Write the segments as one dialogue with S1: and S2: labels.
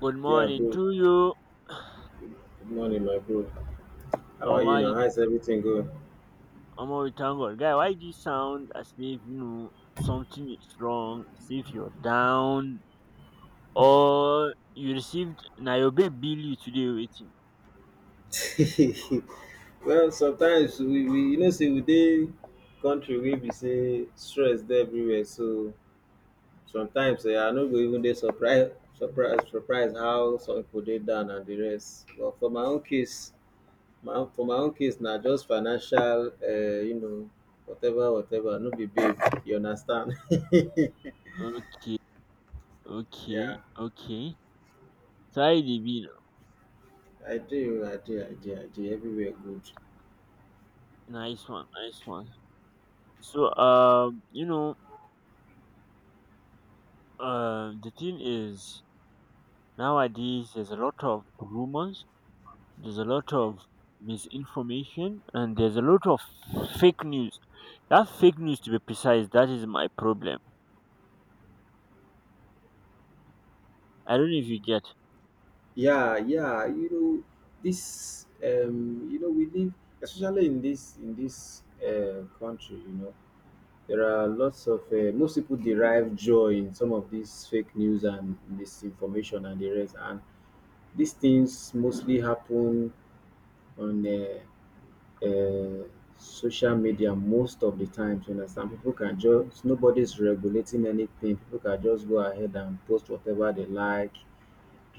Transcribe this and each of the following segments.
S1: Good
S2: Yeah,
S1: morning
S2: bro.
S1: to you.
S2: Good morning, my bro. How
S1: And
S2: are you
S1: why
S2: now?
S1: you do?
S2: How's everything going?
S1: Omo, we thank God. Guy, why do you sound as if you know something is wrong? As if you're down or you received na your babe bill you today waiting.
S2: Well, sometimes we you know say we dey country wey be say stress dey everywhere. So sometimes I no go even dey surprise how some people dey down and the rest. But for my own case, my for my own case na just financial whatever whatever no be big. You understand?
S1: Okay, okay,
S2: Yeah,
S1: okay. Try the bill.
S2: I do, I do, I do, I do. Everywhere good.
S1: Nice one, nice one. So the thing is nowadays there's a lot of rumors, there's a lot of misinformation, and there's a lot of fake news. That fake news, to be precise, that is my problem. I don't know if you get.
S2: Yeah, yeah, we live especially in this country, there are lots of most people derive joy in some of these fake news and misinformation and the rest, and these things mostly happen on uh, social media most of the times. You understand? People can just Nobody's regulating anything. People can just go ahead and post whatever they like,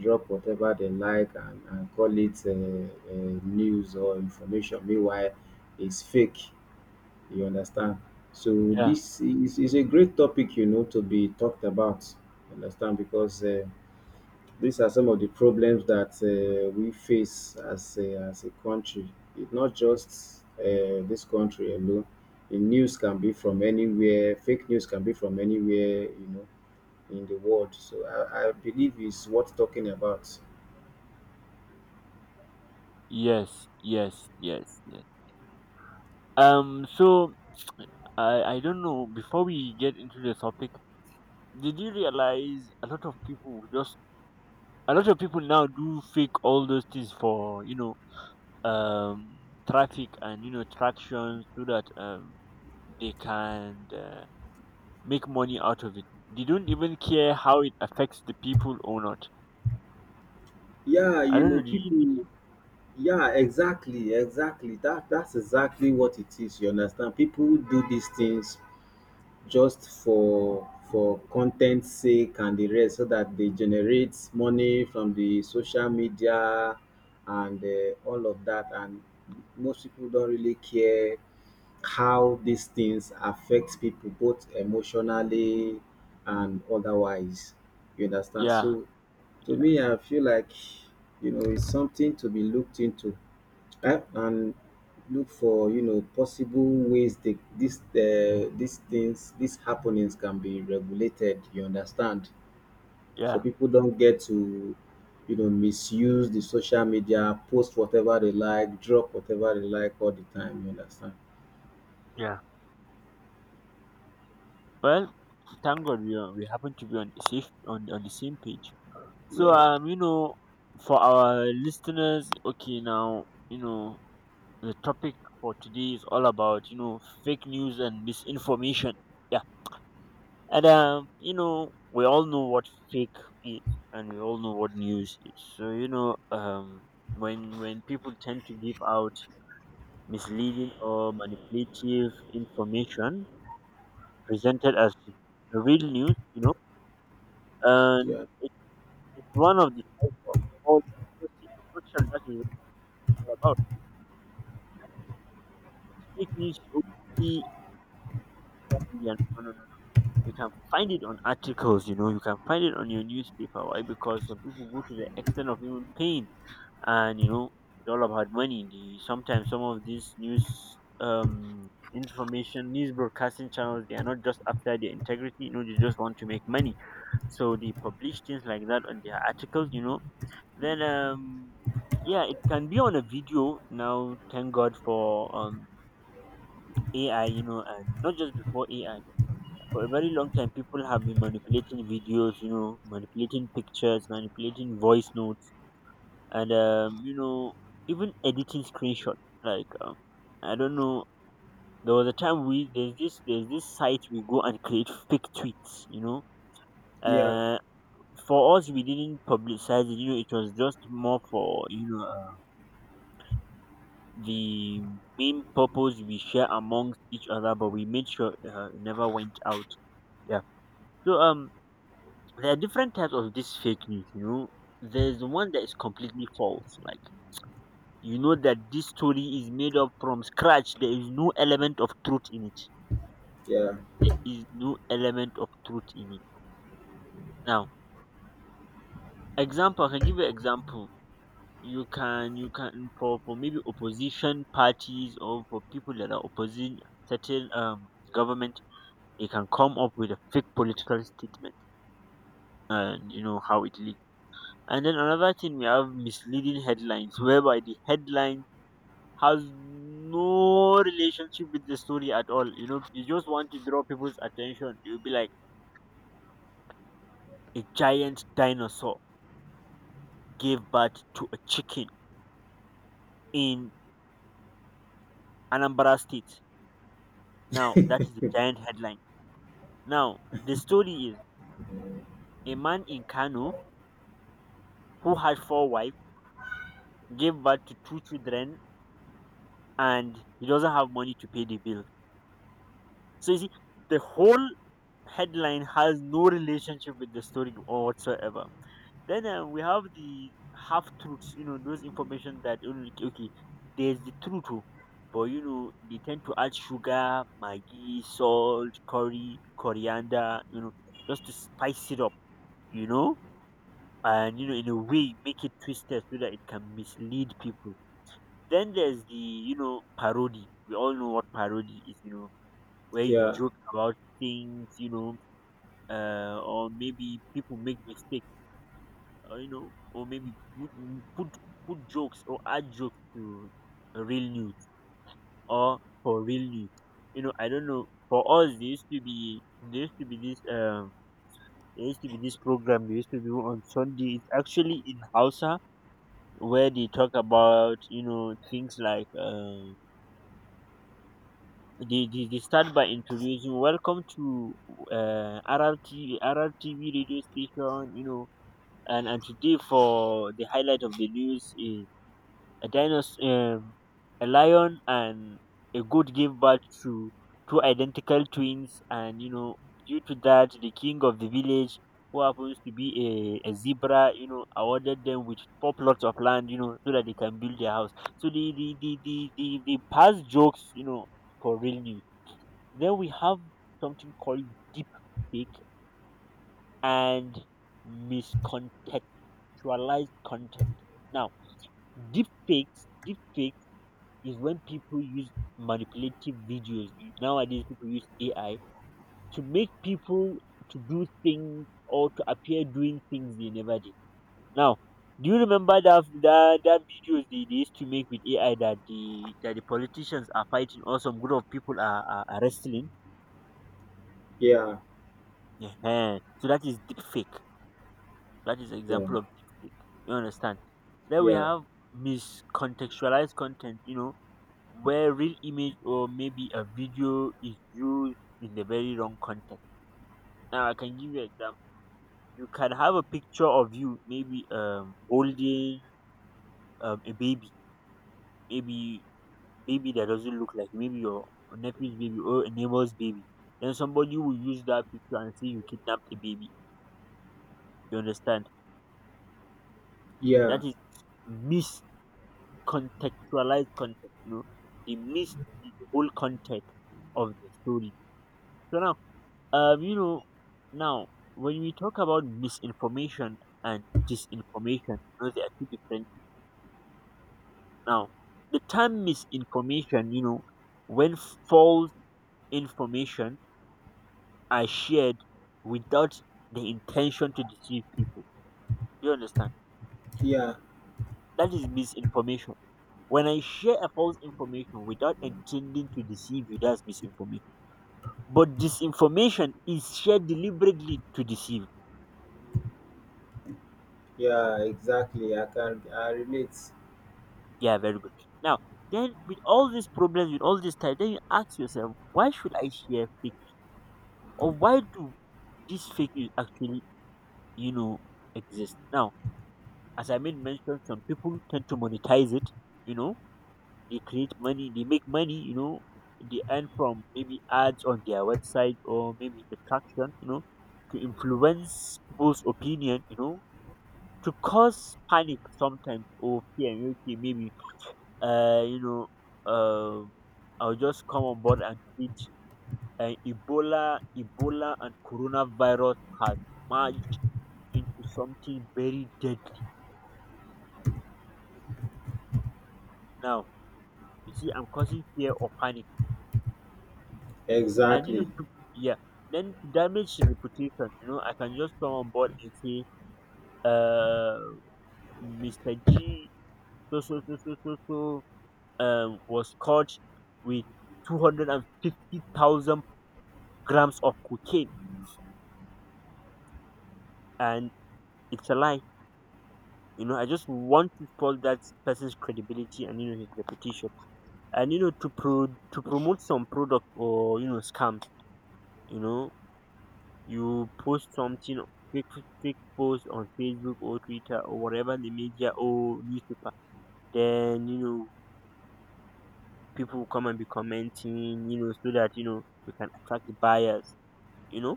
S2: drop whatever they like, and call it news or information. Meanwhile, it's fake. You understand? So
S1: Yeah.
S2: this is a great topic, to be talked about. You understand? Because these are some of the problems that we face as a country. It's not just this country alone. The news can be from anywhere. Fake news can be from anywhere, in the world. So I believe it's worth talking about.
S1: Yes. Yes. Yes. Yes. So I don't know. Before we get into the topic, did you realize a lot of people now do fake all those things for um traffic and traction, so that they can. Make money out of it. They don't even care how it affects the people or not.
S2: Yeah,
S1: I don't know. Did you notice?
S2: yeah, exactly, exactly. That's exactly what it is. You understand? People do these things just for content sake and the rest, so that they generate money from the social media and all of that. And most people don't really care how these things affect people both emotionally and otherwise. You understand?
S1: Yeah,
S2: So to me, I feel like it's something to be looked into, and look for possible ways that this these things these happenings can be regulated. You understand? So
S1: yeah,
S2: people don't get to misuse the social media, post whatever they like, drop whatever they like all the time. You understand?
S1: yeah. Well, thank God we happen to be on the safe on the same page. So
S2: Yeah.
S1: for our listeners, okay, now you know the topic for today is all about fake news and misinformation. And we all know what fake is, and we all know what news is. So when people tend to give out misleading or manipulative information presented as the real news, and
S2: Yeah,
S1: it, it's one of the types of all that is nutshell, that is what it's all about. Fake news is only no, no, no. No. You can find it on articles, you know, you can find it on your newspaper. Why? Because some people go to the extent of even paying, and it's all about money. The Sometimes some of these news information news broadcasting channels, they are not just after their integrity, they just want to make money. So they publish things like that on their articles. Then, yeah, it can be on a video now, thank God for AI. And not just before AI, for a very long time people have been manipulating videos. Manipulating pictures, manipulating voice notes, and even editing screenshot. Like I don't know. There was a time we, there's this site we go and create fake tweets.
S2: yeah,
S1: Uh, for us, we didn't publicize it. It was just more for, the main purpose we share amongst each other, but we made sure it never went out. Yeah. So there are different types of this fake news. There's the one that is completely false, like that this story is made up from scratch. There is no element of truth in it.
S2: yeah,
S1: There is no element of truth in it. Now, example, I can give you example. You can, for maybe opposition parties, or for people that are opposing certain government, they can come up with a fake political statement, and you know how it leaks. And then another thing, we have misleading headlines, whereby the headline has no relationship with the story at all. You know, you just want to draw people's attention. You'll be like, a giant dinosaur gave birth to a chicken in Anambra State. Now, that is the giant headline. Now, the story is, a man in Kano who had four wives gave birth to two children, and he doesn't have money to pay the bill. So, you see, the whole headline has no relationship with the story or whatsoever. Then, we have the half truths, those information that, okay, okay, there's the truth, oh, but they tend to add sugar, maggi, salt, curry, coriander, just to spice it up, you know, and in a way, make it twisted so that it can mislead people. Then there's the parody. We all know what parody is, where you
S2: yeah,
S1: joke about things, or maybe people make mistakes, or or maybe put put jokes or add jokes to real news or for real news. I don't know. For us, there used to be there used to be this there used to be this program they used to do on Sunday. It's actually in Hausa, where they talk about things like, they start by introducing, welcome to RRTV radio station. And today for the highlight of the news is a dinosaur, um, a lion and a goat gave birth to two identical twins, and due to that, the king of the village, who happens to be a zebra, awarded them with four plots of land, so that they can build their house. So the past jokes, for real news. Then we have something called deep fake and miscontextualized content. Now, deep fakes is when people use manipulative videos. Nowadays, people use AI to make people to do things or to appear doing things they never did. Now, do you remember that videos they used to make with AI, that the politicians are fighting, or some group of people are wrestling?
S2: yeah.
S1: So that is deep fake. That is an
S2: Yeah,
S1: example of deep fake. You understand? Then we
S2: yeah,
S1: have miscontextualized content. Where real image or maybe a video is used in the very wrong context. Now, I can give you an example. You can have a picture of you maybe holding a baby, maybe baby that doesn't look like, maybe your nephew's baby or a neighbor's baby. Then somebody will use that picture and say you kidnapped a baby. You understand?
S2: yeah,
S1: That is miscontextualized context. They missed the whole context of the story. So now. Um, you know, now when we talk about misinformation and disinformation, they are two different things. Now, the term misinformation, when false information are shared without the intention to deceive people. Do you understand?
S2: yeah,
S1: That is misinformation. When I share a false information without intending to deceive you, that's misinformation. But disinformation is shared deliberately to deceive.
S2: yeah, exactly. I relate.
S1: Yeah, very good. Now, then, with all these problems, with all this time, then you ask yourself, why should I share fake? Or why do this fake is actually, you know, exist? Now, as I made mention, some people tend to monetize it, you know, they create money, they make money, they earn from maybe ads on their website or maybe attraction, to influence people's opinion, to cause panic sometimes or fear, okay, maybe uh, you know, um, I'll just come on board and treat. And Ebola, and coronavirus has merged into something very deadly now. You see, I'm causing fear or panic, and
S2: Exactly.
S1: yeah, then, to damage the reputation. I can just come on board and say, uh, Mister G, so so so so so so, was caught with 250,000 grams of cocaine, and it's a lie. I just want to spoil that person's credibility and his reputation. And to promote some product, or scams. You know, you post something fake fake post on Facebook or Twitter or whatever the media or newspaper. Then people come and be commenting. So that we can attract the buyers. You know.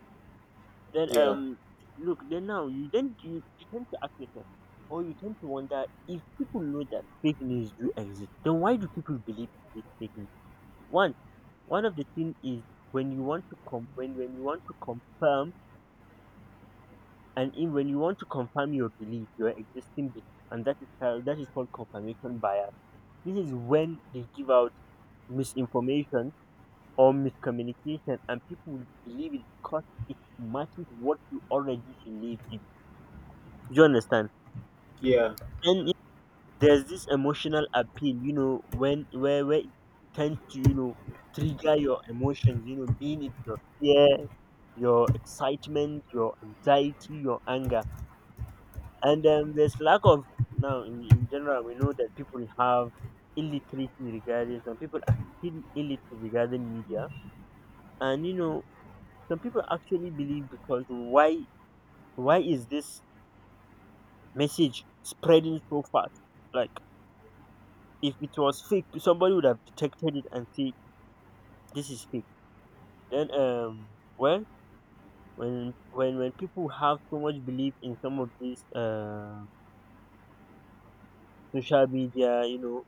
S1: Then,
S2: Yeah,
S1: look. Then now you then you tend to ask yourself, or you tend to wonder, if people know that fake news do exist, then why do people believe in this fake news? One, one of the thing is, when you want to com- when you want to confirm and in when you want to confirm your belief, your existing belief, and that is called confirmation bias. This is when they give out misinformation or miscommunication, and people will believe it because it matches what you already believe in. Do you understand?
S2: yeah.
S1: Then there's this emotional appeal, when where it tends to trigger your emotions, being it your fear, your excitement, your anxiety, your anger, and there's lack of now, in general, we know that people have illiteracy regarding, some people are still illiterate regarding media, and some people actually believe, because why, is this message spreading so fast? Like, if it was fake, somebody would have detected it and say, this is fake. Then well when people have so much belief in some of these social media,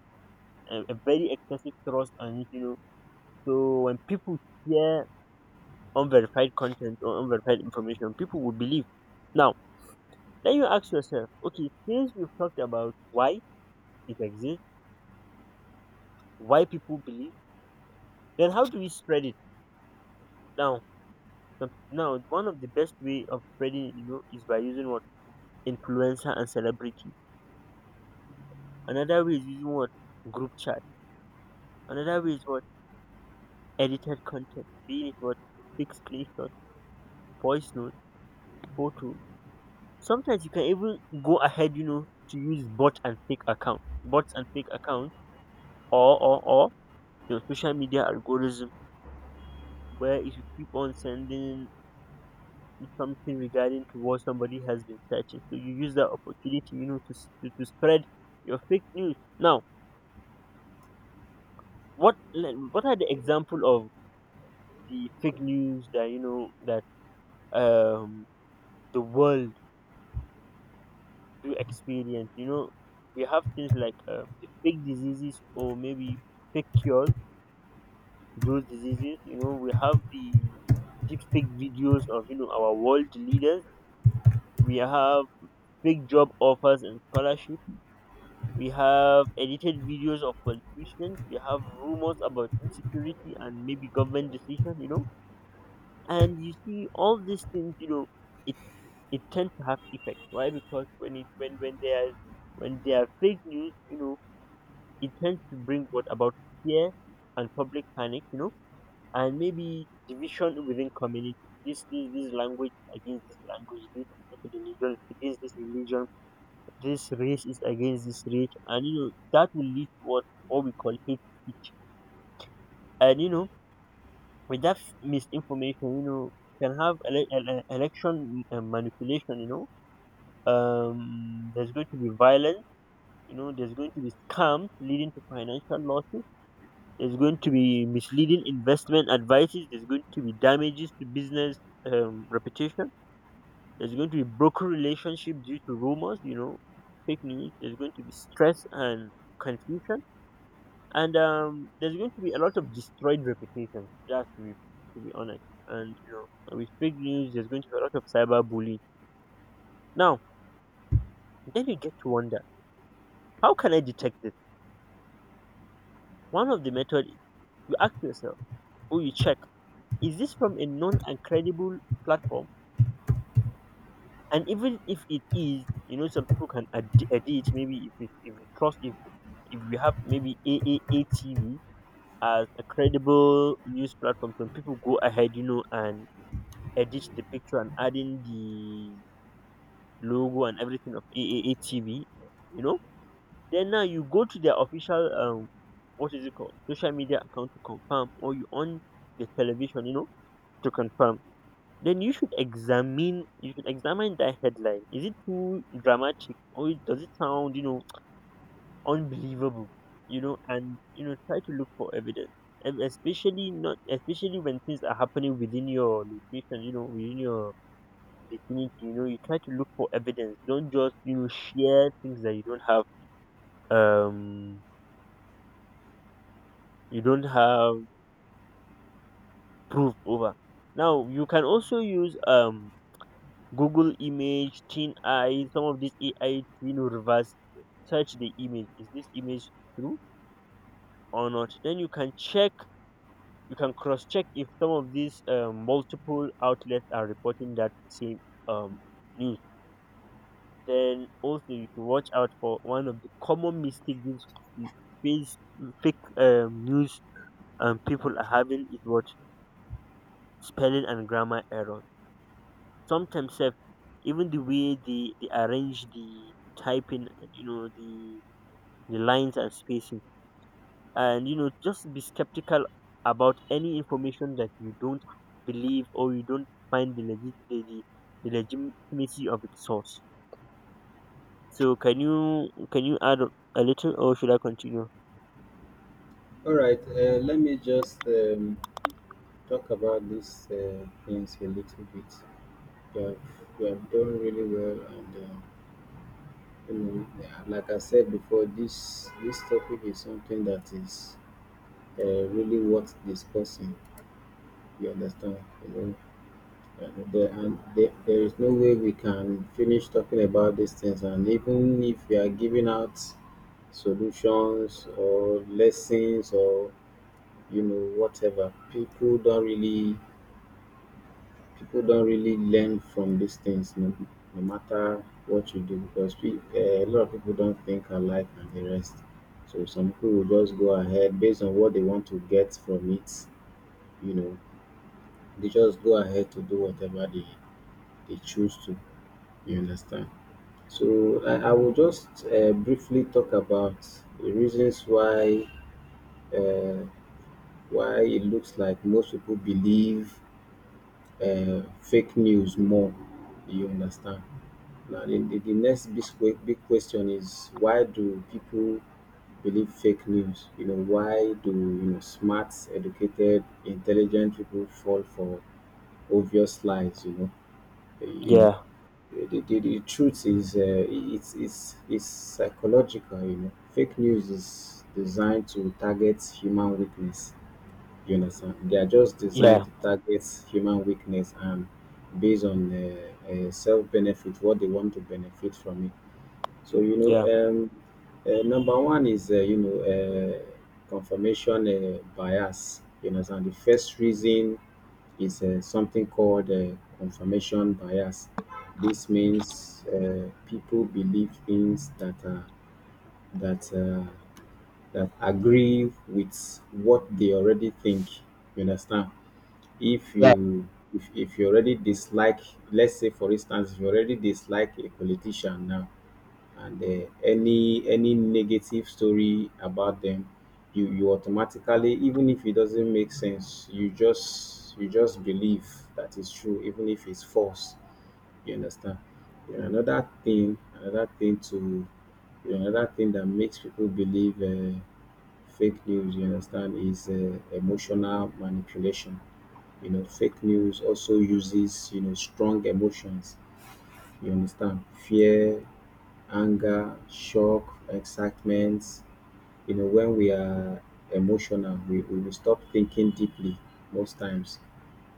S1: a very excessive trust on it. So when people share unverified content or unverified information, people will believe. Now, then you ask yourself, okay, since we've talked about why it exists, why people believe, then how do we spread it? Now now, one of the best way of spreading, is by using what influencer and celebrity. Another way is using what group chat. Another way is what edited content. Being it what quick screenshots, voice notes, photos. Sometimes you can even go ahead, to use bot and fake account, bots and fake accounts, or your social media algorithm, where if you keep on sending something regarding to what somebody has been searching, so you use that opportunity, to spread your fake news. Now, what are the example of the fake news that that um the world do experience. We have things like the fake diseases or maybe fake cures to those diseases. We have the deep fake videos of our world leaders. We have fake job offers and scholarship. We have edited videos of politicians. We have rumors about insecurity and maybe government decision. And you see all these things. You know it. It tends to have effect. Why? Because when they are fake news, it tends to bring what about fear and public panic, and maybe division within community. This language against this language, this religion against this religion, this race is against this race, and that will lead to what we call hate speech. And with that misinformation, you can have election manipulation. There's going to be violence, there's going to be scams leading to financial losses, there's going to be misleading investment advices, there's going to be damages to business reputation, there's going to be broken relationship due to rumors, fake news, there's going to be stress and confusion, and there's going to be a lot of destroyed reputations, that's to be honest, and with fake news there's going to be a lot of cyber bullying. Now, then you get to wonder, how can I detect this? One of the method, you ask yourself or you check: Is this from a known and credible platform? And even if it is, some people can edit. Maybe if it, if we trust if we have maybe AAA TV as a credible news platform, some people go ahead, and edit the picture and adding the logo and everything of AAA TV, you know. Then now you go to their official what is it called? Social media account to confirm, or you on the television, to confirm. Then you should examine, that headline, is it too dramatic, or does it sound unbelievable? And try to look for evidence, and especially, not especially when things are happening within your location, within your vicinity, you try to look for evidence. Don't just share things that um you don't have proof over. Now you can also use Google image, Teen Eye, some of these AI, reverse search the image. Is this image true or not? Then you can check, you can cross check if some of these multiple outlets are reporting that same um, news. Then also you should watch out for one of the common mistakes these face- fake news people are having is what spelling and grammar error. Sometimes sef, even the way they arrange the typing, and the lines and spacing, and just be skeptical about any information that you don't believe or you don't find the legitimacy of its source. So can you add a little, or should I continue?
S2: All right. Let me just talk about these things a little bit. You have, you have done really well, and yeah, like I said before, this topic is something that is really worth discussing. You understand? You know, there is no way we can finish talking about these things. And even if we are giving out solutions or lessons or whatever, people don't really learn from these things. No, no matter what you do, because a lot of people don't think alike and the rest. So some people will just go ahead based on what they want to get from it. You know, they just go ahead to do whatever they choose to. You understand? So I will just briefly talk about the reasons uh, why it looks like most people believe fake news more. You understand? Now the next big question is, why do people believe fake news? Why do smart, educated, intelligent people fall for obvious lies? You know
S1: Yeah,
S2: the truth is, it's psychological. Fake news is designed to target human weakness. You understand? They are just
S1: yeah,
S2: designed to target human weakness, and based on self benefit, what they want to benefit from it. So,
S1: yeah,
S2: number one is, confirmation bias. You understand? The first reason is something called confirmation bias. This means people believe things that are, that that agree with what they already think. You understand? If
S1: yeah,
S2: you if you already dislike, let's say for instance, if you already dislike a politician now, and any negative story about them, you automatically, even if it doesn't make sense, you just believe that it's true, even if it's false. You understand? you know, another thing another thing to another thing that makes people believe fake news, you understand, is emotional manipulation. Fake news also uses strong emotions. You understand? Fear, anger, shock, excitement. When we are emotional, we will stop thinking deeply most times.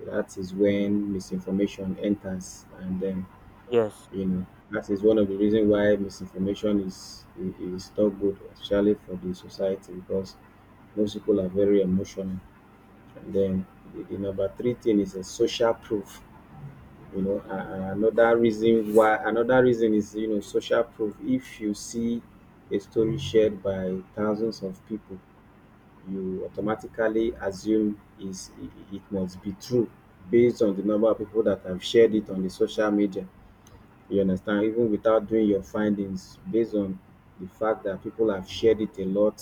S2: That is when misinformation enters, and then
S1: yes,
S2: you know that is one of the reasons why misinformation is not good, especially for the society, because most people are very emotional. And then the number three thing is a social proof. you know a- and another reason is social proof. If you see a story shared by thousands of people, you automatically assume is it it must be true, based on the number of people that have shared it on the social media. You understand? Even without doing your findings, based on the fact that people have shared it a lot,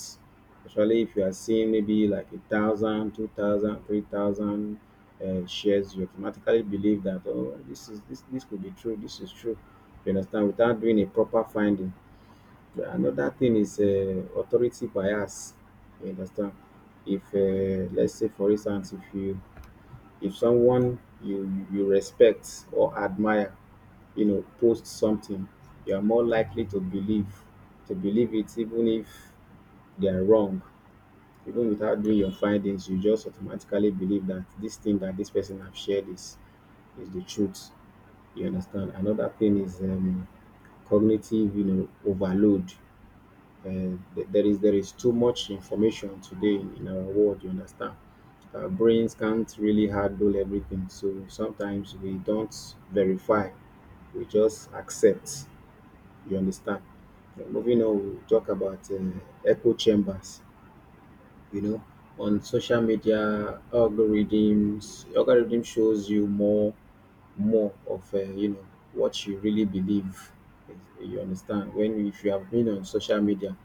S2: especially if you are seeing maybe like 1,000, 2,000, 3,000 shares, you automatically believe that, oh, this could be true, this is true. You understand? Without doing a proper finding. Another thing is authority bias. You understand? If Let's say, for instance, if someone you respect or admire post something, you are more likely to believe it, even if they are wrong. Even without doing your findings, you just automatically believe that this thing that this person have shared is the truth. You understand? Another thing is cognitive overload. There is too much information today in our world. You understand? Our brains can't really handle everything, so sometimes we don't verify, we just accept. You understand? Like, moving on, we'll talk about echo chambers. You know, on social media algorithms, algorithm shows you more of what you really believe. You understand? When If you have been on social media,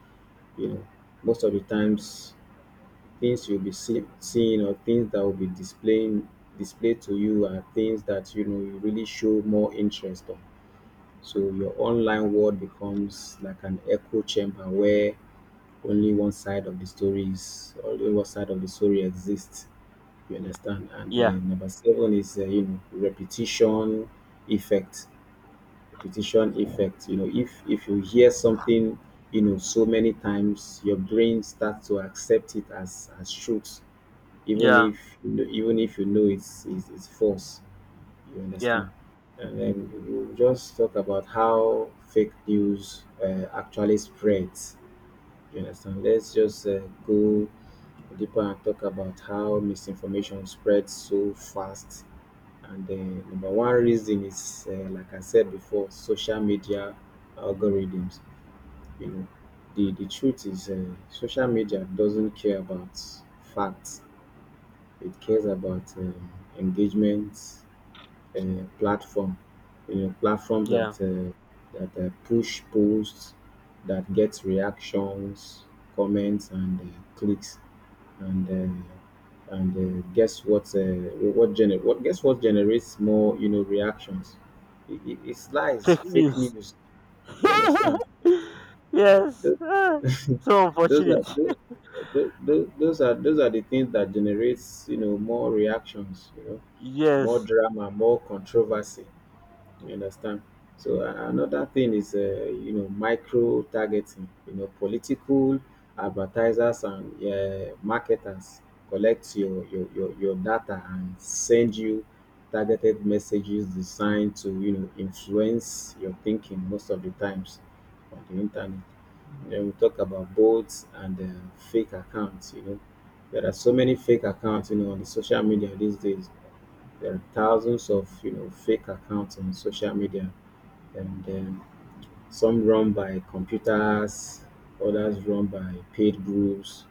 S2: you know most of the times things you'll be seeing, or things that will be displaying displayed to you, are things that you really show more interest on. So your online world becomes like an echo chamber where only one side of the story is only one side of the story exists. You understand? And
S1: yeah,
S2: then number seven is repetition effect. Repetition effect. If you hear something, so many times, your brain starts to accept it as truth,
S1: yeah,
S2: even if you know it's false. You
S1: yeah,
S2: understand? And then we'll just talk about how fake news actually spreads. You understand? Let's just go deeper and talk about how misinformation spreads so fast. And then number one reason is, like I said before, social media algorithms. You know, the truth is, social media doesn't care about facts. It cares about engagement, uh, platform, platform that
S1: yeah,
S2: push posts, that gets reactions, comments, and clicks, and guess what? Guess what generates more reactions? It's lies,
S1: fake
S2: fake
S1: news.
S2: news. You understand?
S1: Yes.
S2: Those,
S1: So
S2: those are
S1: unfortunate.
S2: those, those are the things that generates more reactions. More
S1: Yes.
S2: drama, more controversy. You understand? So another thing is, micro targeting. Political advertisers and marketers collect your data and send you targeted messages designed to influence your thinking most of the times on the internet. Then we talk about bots and fake accounts. There are so many fake accounts. On the social media these days, there are thousands of fake accounts on social media, and some run by computers, others run by paid groups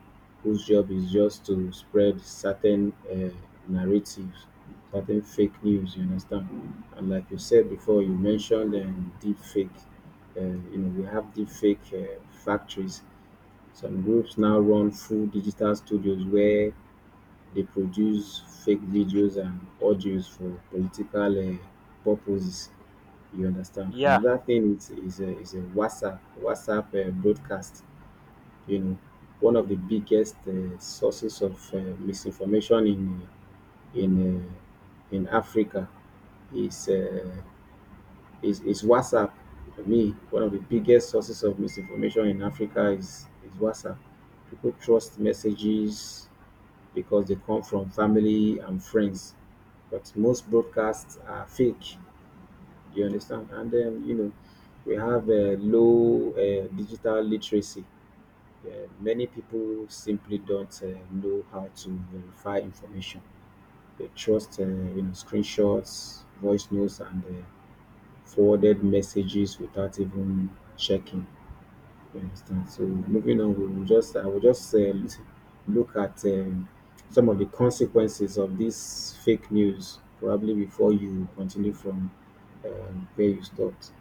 S2: whose job is just to spread certain narratives, certain fake news. You understand? And like you said before, you mentioned deep fake. Uh, we have deep fake factories. Some groups now run full digital studios where they produce fake videos and audios for political purposes. You understand? And
S1: Yeah.
S2: another thing is WhatsApp broadcast. You know, One of the biggest sources of misinformation in in uh, in Africa is uh, is WhatsApp. For me, one of the biggest sources of misinformation in Africa is WhatsApp. People trust messages because they come from family and friends, but most broadcasts are fake. You understand? And then, we have a low digital literacy. Many people simply don't know how to verify information. They trust, screenshots, voice notes, and forwarded messages without even checking. You understand? So moving on, I will just look at some of the consequences of this fake news, probably before you continue from where you stopped,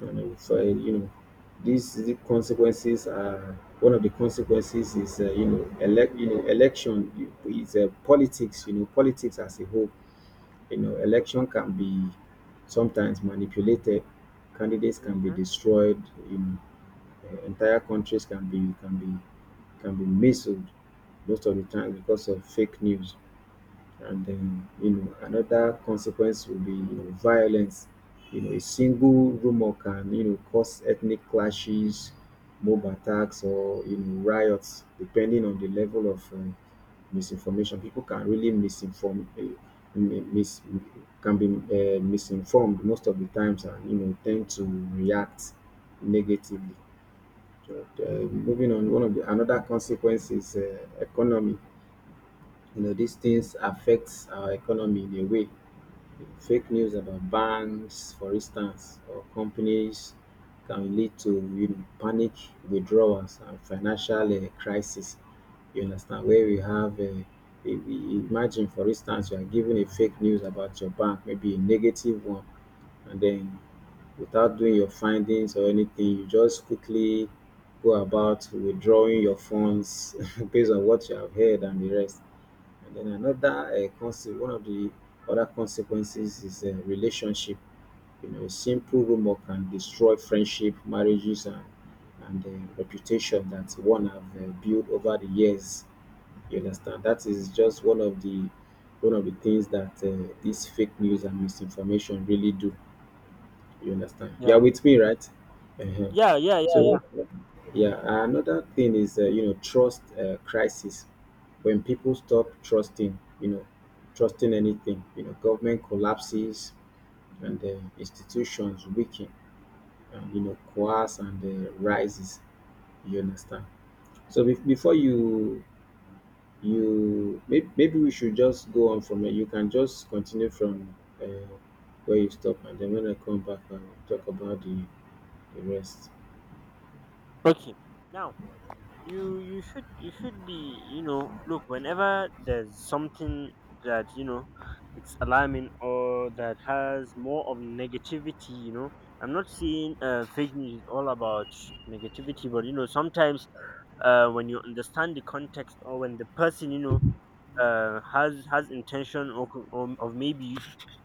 S2: and I would find, you know, the consequences are— one of the consequences is, uh, election is, politics, you know, politics as a whole. You know, election can be sometimes manipulated, candidates can be
S1: Mhm.
S2: destroyed, you know, entire countries can be, can be misled most of the time because of fake news. And then, you know, another consequence will be, you know, violence. You know, a single rumor can, you know, cause ethnic clashes, mob attacks, or, you know, riots, depending on the level of misinformation. People can really misinform, mi- mis, can be misinformed most of the times, and you know, tend to react negatively. Moving on, one of the another consequence is, economy. You know, these things affects our economy in a way. Fake news about banks, for instance, or companies can lead to, you know, panic withdrawals and financial crisis. You understand? Where we have, we imagine, for instance, you are given a fake news about your bank, maybe a negative one, and then without doing your findings or anything, you just quickly go about withdrawing your funds based on what you have heard and the rest. And then another, conse- one of the other consequences is, relationship. You know, a simple rumor can destroy friendship, marriages, and and uh, reputation that one have built over the years. You understand? That is just one of the things that, these fake news and misinformation really do. You understand? You are
S1: Yeah.
S2: with me, right? uh
S1: Yeah. Yeah. Yeah. Yeah.
S2: So yeah, another thing is, you know, trust crisis. When people stop trusting, you know, trusting anything, you know, government collapses and the institutions weaken, and, you know, coerce and rises. You understand? So be- before you you maybe, Maybe we should just go on from it. You can just continue from uh, where you stop, and then when I come back, I'll talk about the rest.
S1: Okay. Now, you you should be you know look whenever there's something that it's alarming or that has more of negativity. I'm not saying fake news is all about negativity, but sometimes when you understand the context, or when the person has intention of maybe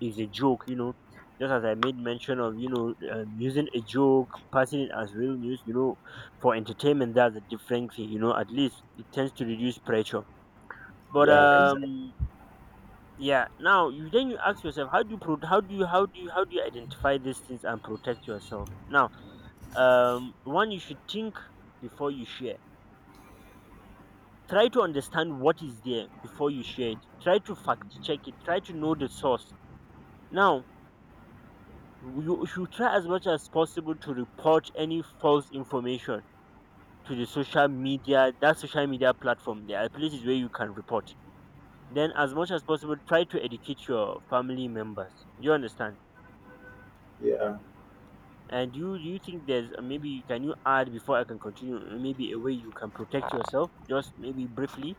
S1: is a joke, just as I made mention of, using a joke, passing it as real news, for entertainment, that's a different thing, at least it tends to reduce pressure, but
S2: Yeah, exactly.
S1: yeah. Now, you, then you ask yourself, how do you identify these things and protect yourself? Now, one, you should think before you share. Try to understand what is there before you share it, try to fact check it, try to know the source. Now, you should try as much as possible to report any false information to the social media, that social media platform. There are places where you can report. Then, as much as possible, try to educate your family members. Do you understand?
S2: Yeah.
S1: And you think there's, maybe can you add before I can continue? Maybe a way you can protect yourself, just maybe briefly.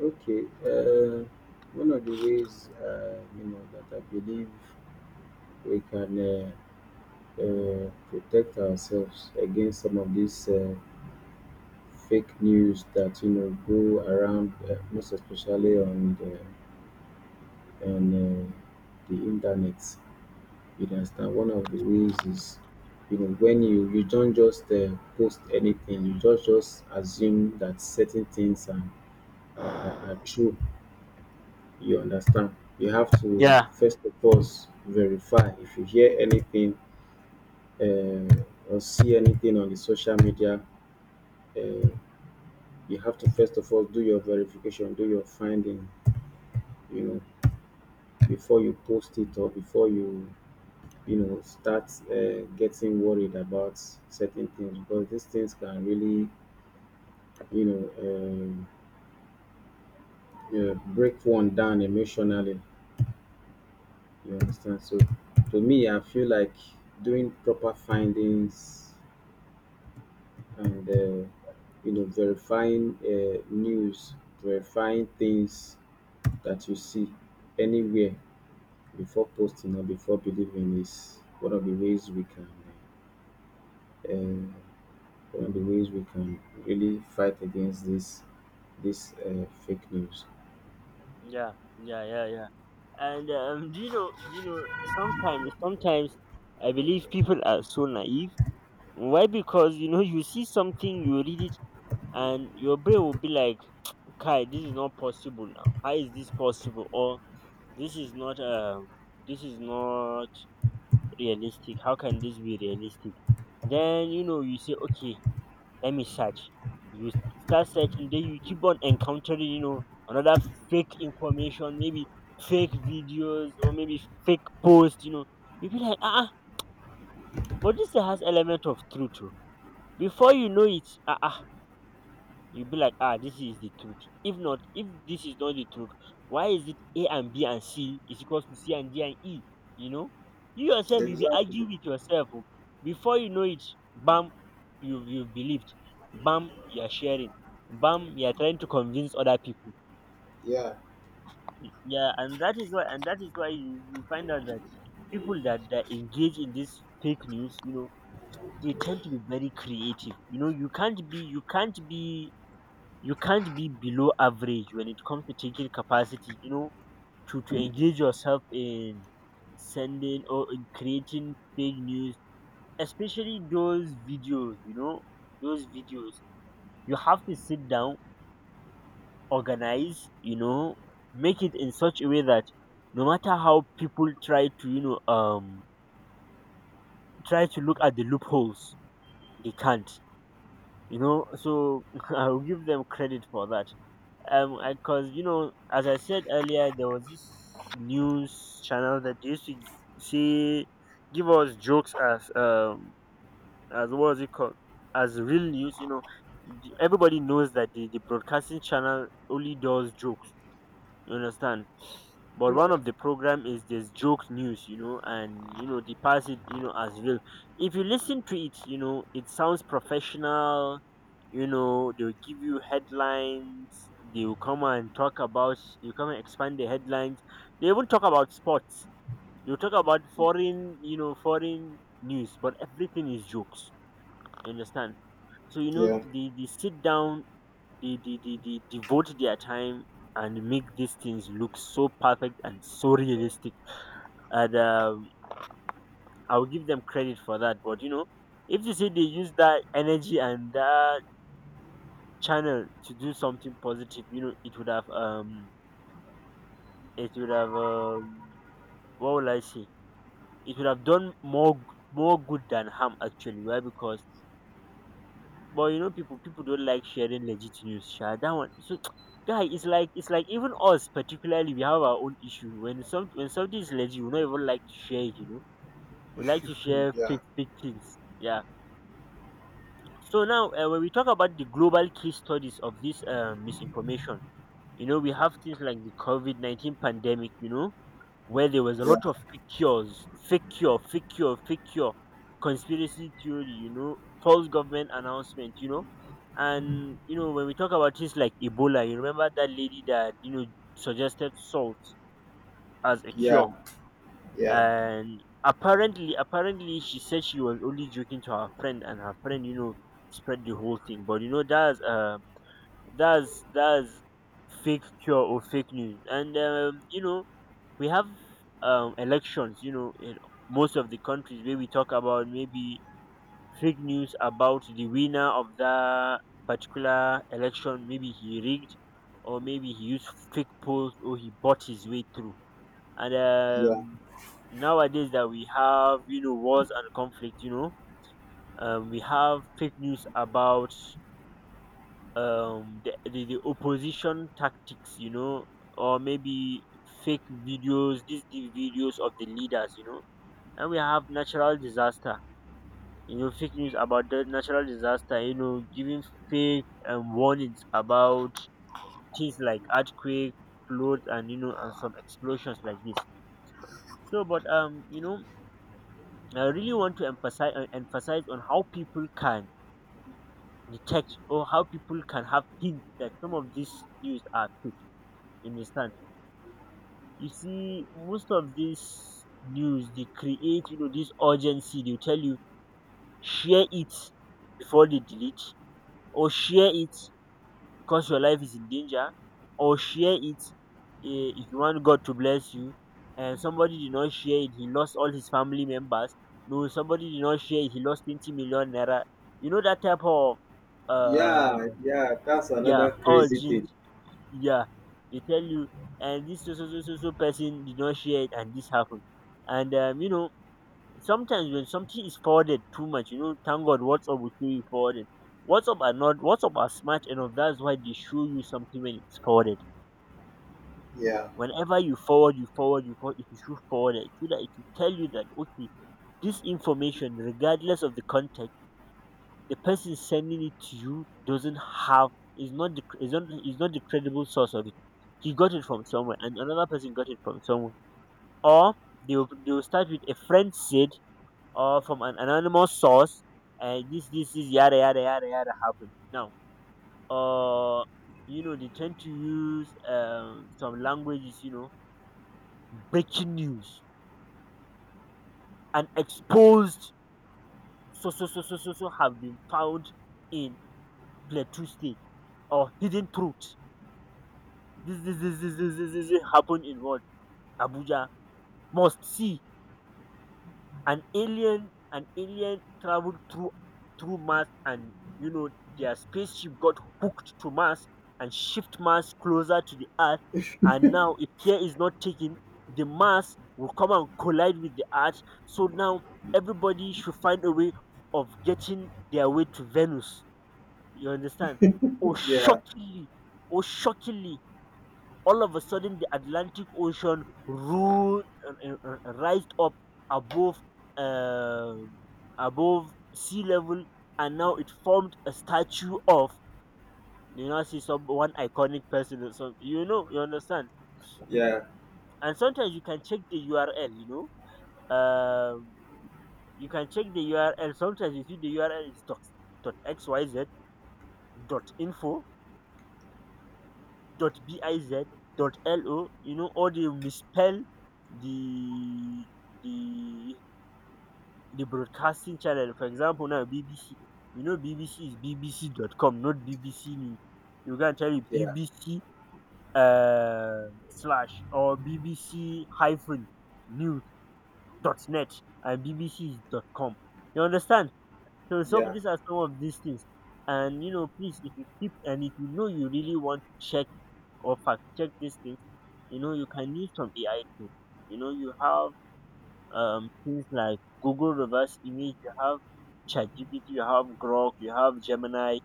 S2: Okay. One of the ways, you know, that I believe we can— protect ourselves against some of these fake news that you know go around, most especially on the internet. You understand? One of the ways is, you know, when you don't just post anything, you just assume that certain things are— are true. You understand? You have to
S1: Yeah.
S2: first of all verify if you hear anything uh, or see anything on the social media. Uh, you have to first of all do your verification, do your finding, you know, before you post it or before you, you know, start getting worried about certain things, because these things can really, you know, um, break one down emotionally. You understand? So, to me, I feel like doing proper findings and you know, verifying news, verifying things that you see anywhere before posting or before believing is one of the ways we can— uh, really fight against this fake news.
S1: Yeah, yeah, yeah, yeah. And do you know, sometimes, I believe people are so naive. Why? Because you see something, you read it, and your brain will be like, "Kai, this is not possible now. How is this possible? Or this is not realistic. How can this be realistic?" Then you say, "Okay, let me search." You start searching, then you keep on encountering, another fake information, maybe fake videos or maybe fake posts. You be like, "Ah, ah, but this has element of truth." too." Before you know it, ah, ah, you be like, ah, this is the truth. If not, if this is not the truth, why is it A and B and C is equals to C and D and E you know you yourself, you be
S2: Exactly.
S1: arguing with yourself, oh. Before you know it, bam, you believed, bam, you're sharing, bam, you're trying to convince other people.
S2: Yeah.
S1: Yeah, and that is why you find out that people that engage in this fake news, they tend to be very creative. You can't be below average when it comes to taking capacity, to engage yourself in sending or in creating fake news, especially those videos, those videos. You have to sit down, organize, make it in such a way that no matter how people try to try to look at the loopholes, they can't. So I'll give them credit for that. Because, as I said earlier, there was this news channel that used to see give us jokes as as, what was it called, as real news. Everybody knows that the broadcasting channel only does jokes, you understand, but one of the program is this joke news, and they pass it as real. If you listen to it, it sounds professional. They'll give you headlines, they'll come and talk about, you come and expand the headlines, they even talk about sports, they'll talk about foreign, foreign news, but everything is jokes, you understand. So they sit down, they devote their time and make these things look so perfect and so realistic. And I'll give them credit for that. But, if they say they use that energy and that channel to do something positive, it would have, what will I say? It would have done more good than harm actually. Why? Because, but, people don't like sharing legit news. Sha that one so. Guy, it's like even us particularly, we have our own issue. When something is legit, we don't even like to share it. We like to share
S2: Yeah.
S1: fake things. Yeah. So now, when we talk about the global case studies of this misinformation, you know, we have things like the COVID-19 pandemic. You know, where there was a lot
S2: Yeah.
S1: of fake cures, fake cure, fake cure, fake cure, conspiracy theory. You know, false government announcement. You know, and you know when we talk about things like Ebola, you remember that lady that suggested salt as a cure.
S2: Yeah. Yeah.
S1: And apparently she said she was only joking to her friend, and her friend spread the whole thing. But you know that's that's fake cure or fake news. And you know we have elections, you know, in most of the countries, where we talk about maybe fake news about the winner of that particular election. Maybe he rigged, or maybe he used fake polls, or he bought his way through. And
S2: Yeah.
S1: nowadays that we have, you know, wars and conflict, you know, we have fake news about the opposition tactics, you know. Or maybe fake videos, these the videos of the leaders, you know. And we have natural disaster, you know, fake news about the natural disaster, you know, giving fake warnings about things like earthquake, floods, and you know, and some explosions like this. So but you know I really want to emphasize on how people can detect, or how people can have hints that some of these news are fake. You understand? You see, most of these news they create, you know, this urgency. They tell you share it before they delete, or share it because your life is in danger, or share it, eh, if you want god to bless you, and somebody did not share it he lost all his family members. No, somebody did not share it he lost 20 million naira. You know that type of uh
S2: Yeah. Yeah. That's
S1: yeah,
S2: another crazy
S1: urgent,
S2: thing.
S1: yeah, they tell you. And this so so so so so person did not share it and this happened. And you know sometimes when something is forwarded too much, you know, thank God WhatsApp will show you forwarded. WhatsApp are not WhatsApp are smart enough. That's why they show you something when it's forwarded.
S2: Yeah.
S1: Whenever you forward, you forward, you forward, it will show forwarded, so that it will tell you that okay, this information, regardless of the context, the person sending it to you doesn't have, is not the credible source of it. He got it from somewhere, and another person got it from somewhere. Or they will start with, a friend said, or from an anonymous source, and this is yada yada yada yada happened now. uh you know they tend to use some languages, you know, breaking news, and exposed, so so so so so so have been found in plateau state, or hidden truth, this happened in, what, Abuja, must see. An alien traveled through, through Mars, and you know their spaceship got hooked to Mars and shift Mars closer to the Earth. And now if care is not taken, the Mars will come and collide with the Earth. So now everybody should find a way of getting their way to Venus. You understand? Oh
S2: Yeah.
S1: shockingly, oh shockingly all of a sudden the Atlantic Ocean rose, rised up above uh, above sea level, and now it formed a statue of, you know, see some one iconic person or something. You know, you understand.
S2: Yeah.
S1: And sometimes you can check the URL. You know, you can check the URL. Sometimes you see the URL is dot, dot xyz, dot info, dot biz, dot lo. You know, or they misspell the the the broadcasting channel. For example, now BBC. You know BBC is bbc.com, not BBC News. You can tell you
S2: Yeah.
S1: BBC slash, or BBC-news.net, and BBC is .com. You understand? So some,
S2: Yeah.
S1: these are some of these things. And you know, please, if you keep, and if you know you really want to check or fact check these things, you know you can use some AI tool. You know you have things like Google Reverse Image, you have ChatGPT, you have Grok, you have Gemini,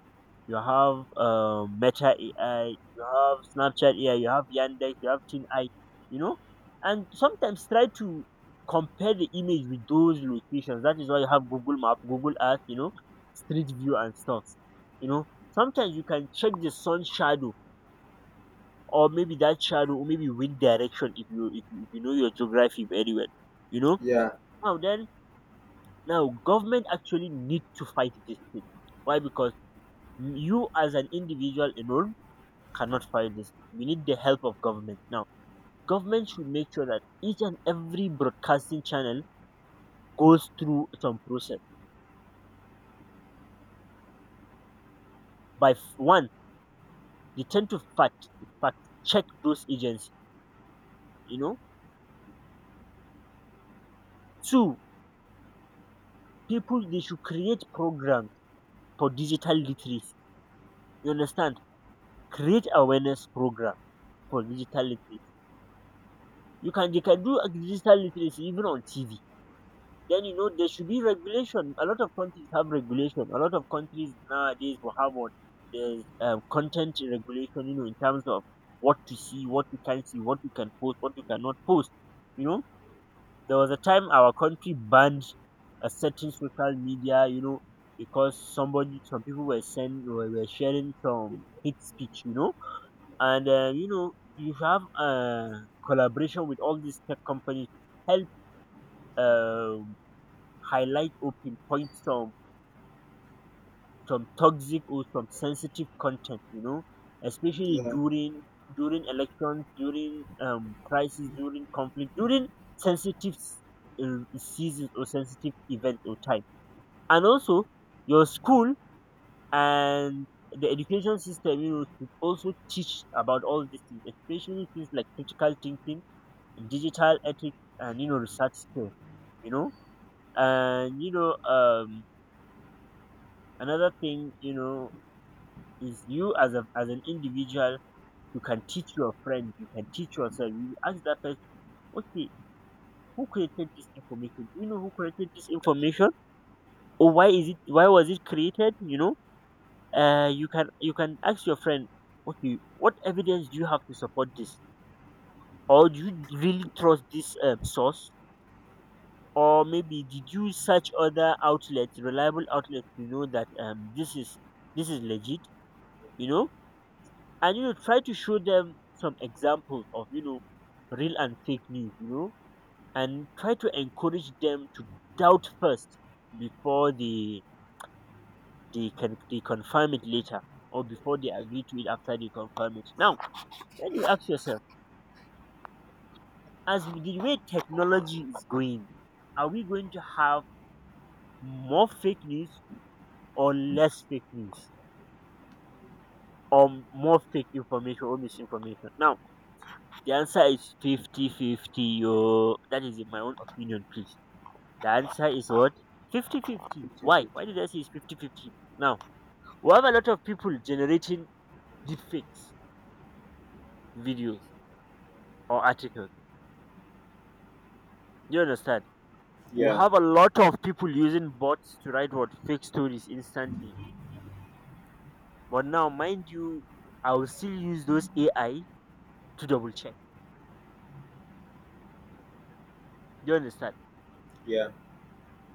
S1: you have Meta AI, you have Snapchat AI, you have Yandex, you have TinEye, you know. And sometimes try to compare the image with those locations. That is why you have Google Map, Google Earth, you know, Street View and stuff. You know, sometimes you can check the sun shadow, or maybe that shadow, or maybe wind direction, if you if you know your geography very well. You know,
S2: Yeah.
S1: now then, now, government actually need to fight this thing. Why? Because you as an individual alone cannot fight this. We need the help of government. Now, government should make sure that each and every broadcasting channel goes through some process. One, they tend to fact check those agents. You know, two, people they should create programs for digital literacy. You understand? Create awareness program for digital literacy. You can, they can do a digital literacy even on TV. Then you know there should be regulation. A lot of countries have regulation. A lot of countries nowadays will have what, there's content regulation. You know, in terms of what to see, what you can see, what you can post, what you cannot post. You know, there was a time our country banned a certain social media. You know, because somebody, some people were send, were sharing some hate speech. You know, and you know you have collaboration with all these tech companies. Help. Uh, Highlight or pinpoint some toxic or some sensitive content, you know, especially
S2: Yeah.
S1: during, during elections, during crisis, during conflict, during sensitive seasons, or sensitive event or time. And also your school and the education system, you know, should also teach about all these things, especially things like critical thinking, digital ethics, and you know, research skills, you know. And you know, another thing, you know, is you as a, as an individual, you can teach your friend, you can teach yourself. You ask that person, okay, who created this information? Do you know who created this information? Or why is it, why was it created? You know? You can, ask your friend, okay, what evidence do you have to support this? Or do you really trust this source? Or maybe did you search other outlets, reliable outlets, to know that this is, this is legit? You know? And you know try to show them some examples of, you know, real and fake news, you know. And try to encourage them to doubt first before they can, they confirm it later, or before they agree to it after they confirm it now. Then you ask yourself, as with the way technology is going, are we going to have more fake news or less fake news, or more fake information or misinformation. Now the answer is 50-50. 50, yo, that is in my own opinion, please. The answer is what? 50-50.
S2: 50
S1: Why?
S2: fifty.
S1: Why did I say it's 50-50? Now, we have a lot of people generating deepfakes, videos or articles. You understand? We
S2: Yeah.
S1: have a lot of people using bots to write what fake stories instantly. But now, mind you, I will still use those AI to double check. You understand?
S2: Yeah.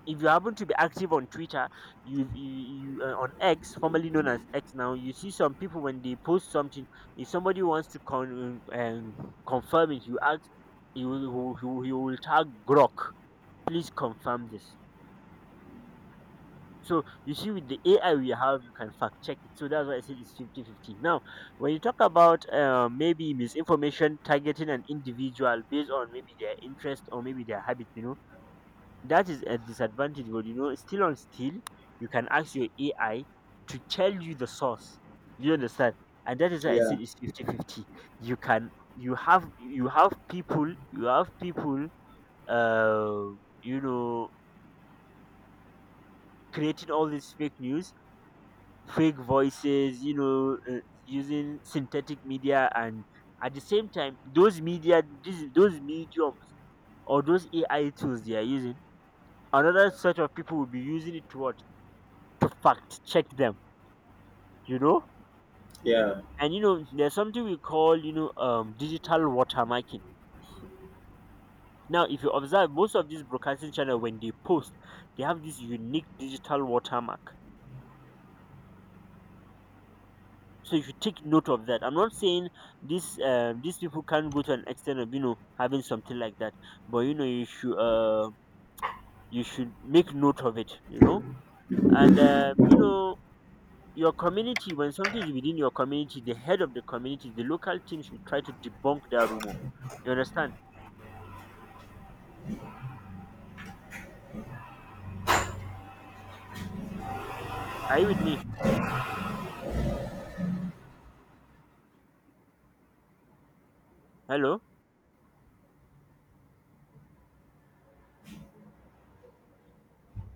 S1: If you happen to be active on Twitter, you on X, formerly known as X now, you see some people when they post something, if somebody wants to con confirm it, you ask, you will, he will tag Grok, please confirm this. So you see, with the AI we have, you can fact check it. So that's why I said it's 50-50. Now, when you talk about maybe misinformation targeting an individual based on maybe their interest, or maybe their habit, you know that is a disadvantage. But you know still on still, you can ask your AI to tell you the source. You understand? And that is why I said
S2: Yeah.
S1: it's 50-50. You can, you have people, uh you know, creating all this fake news, fake voices, you know, using synthetic media, and at the same time, those media, those mediums, or those AI tools they are using, another set of people will be using it to what, to fact check them, you know.
S2: Yeah.
S1: And you know there's something we call, you know, digital watermarking. Now if you observe most of these broadcasting channel when they post, they have this unique digital watermark. So if you take note of that, I'm not saying this, these people can't go to an extent of, you know, having something like that, but you know you should, you should make note of it, you know. And you know, your community, when something is within your community, the head of the community, the local team, should try to debunk that rumor. You understand? Are you with me? Hello?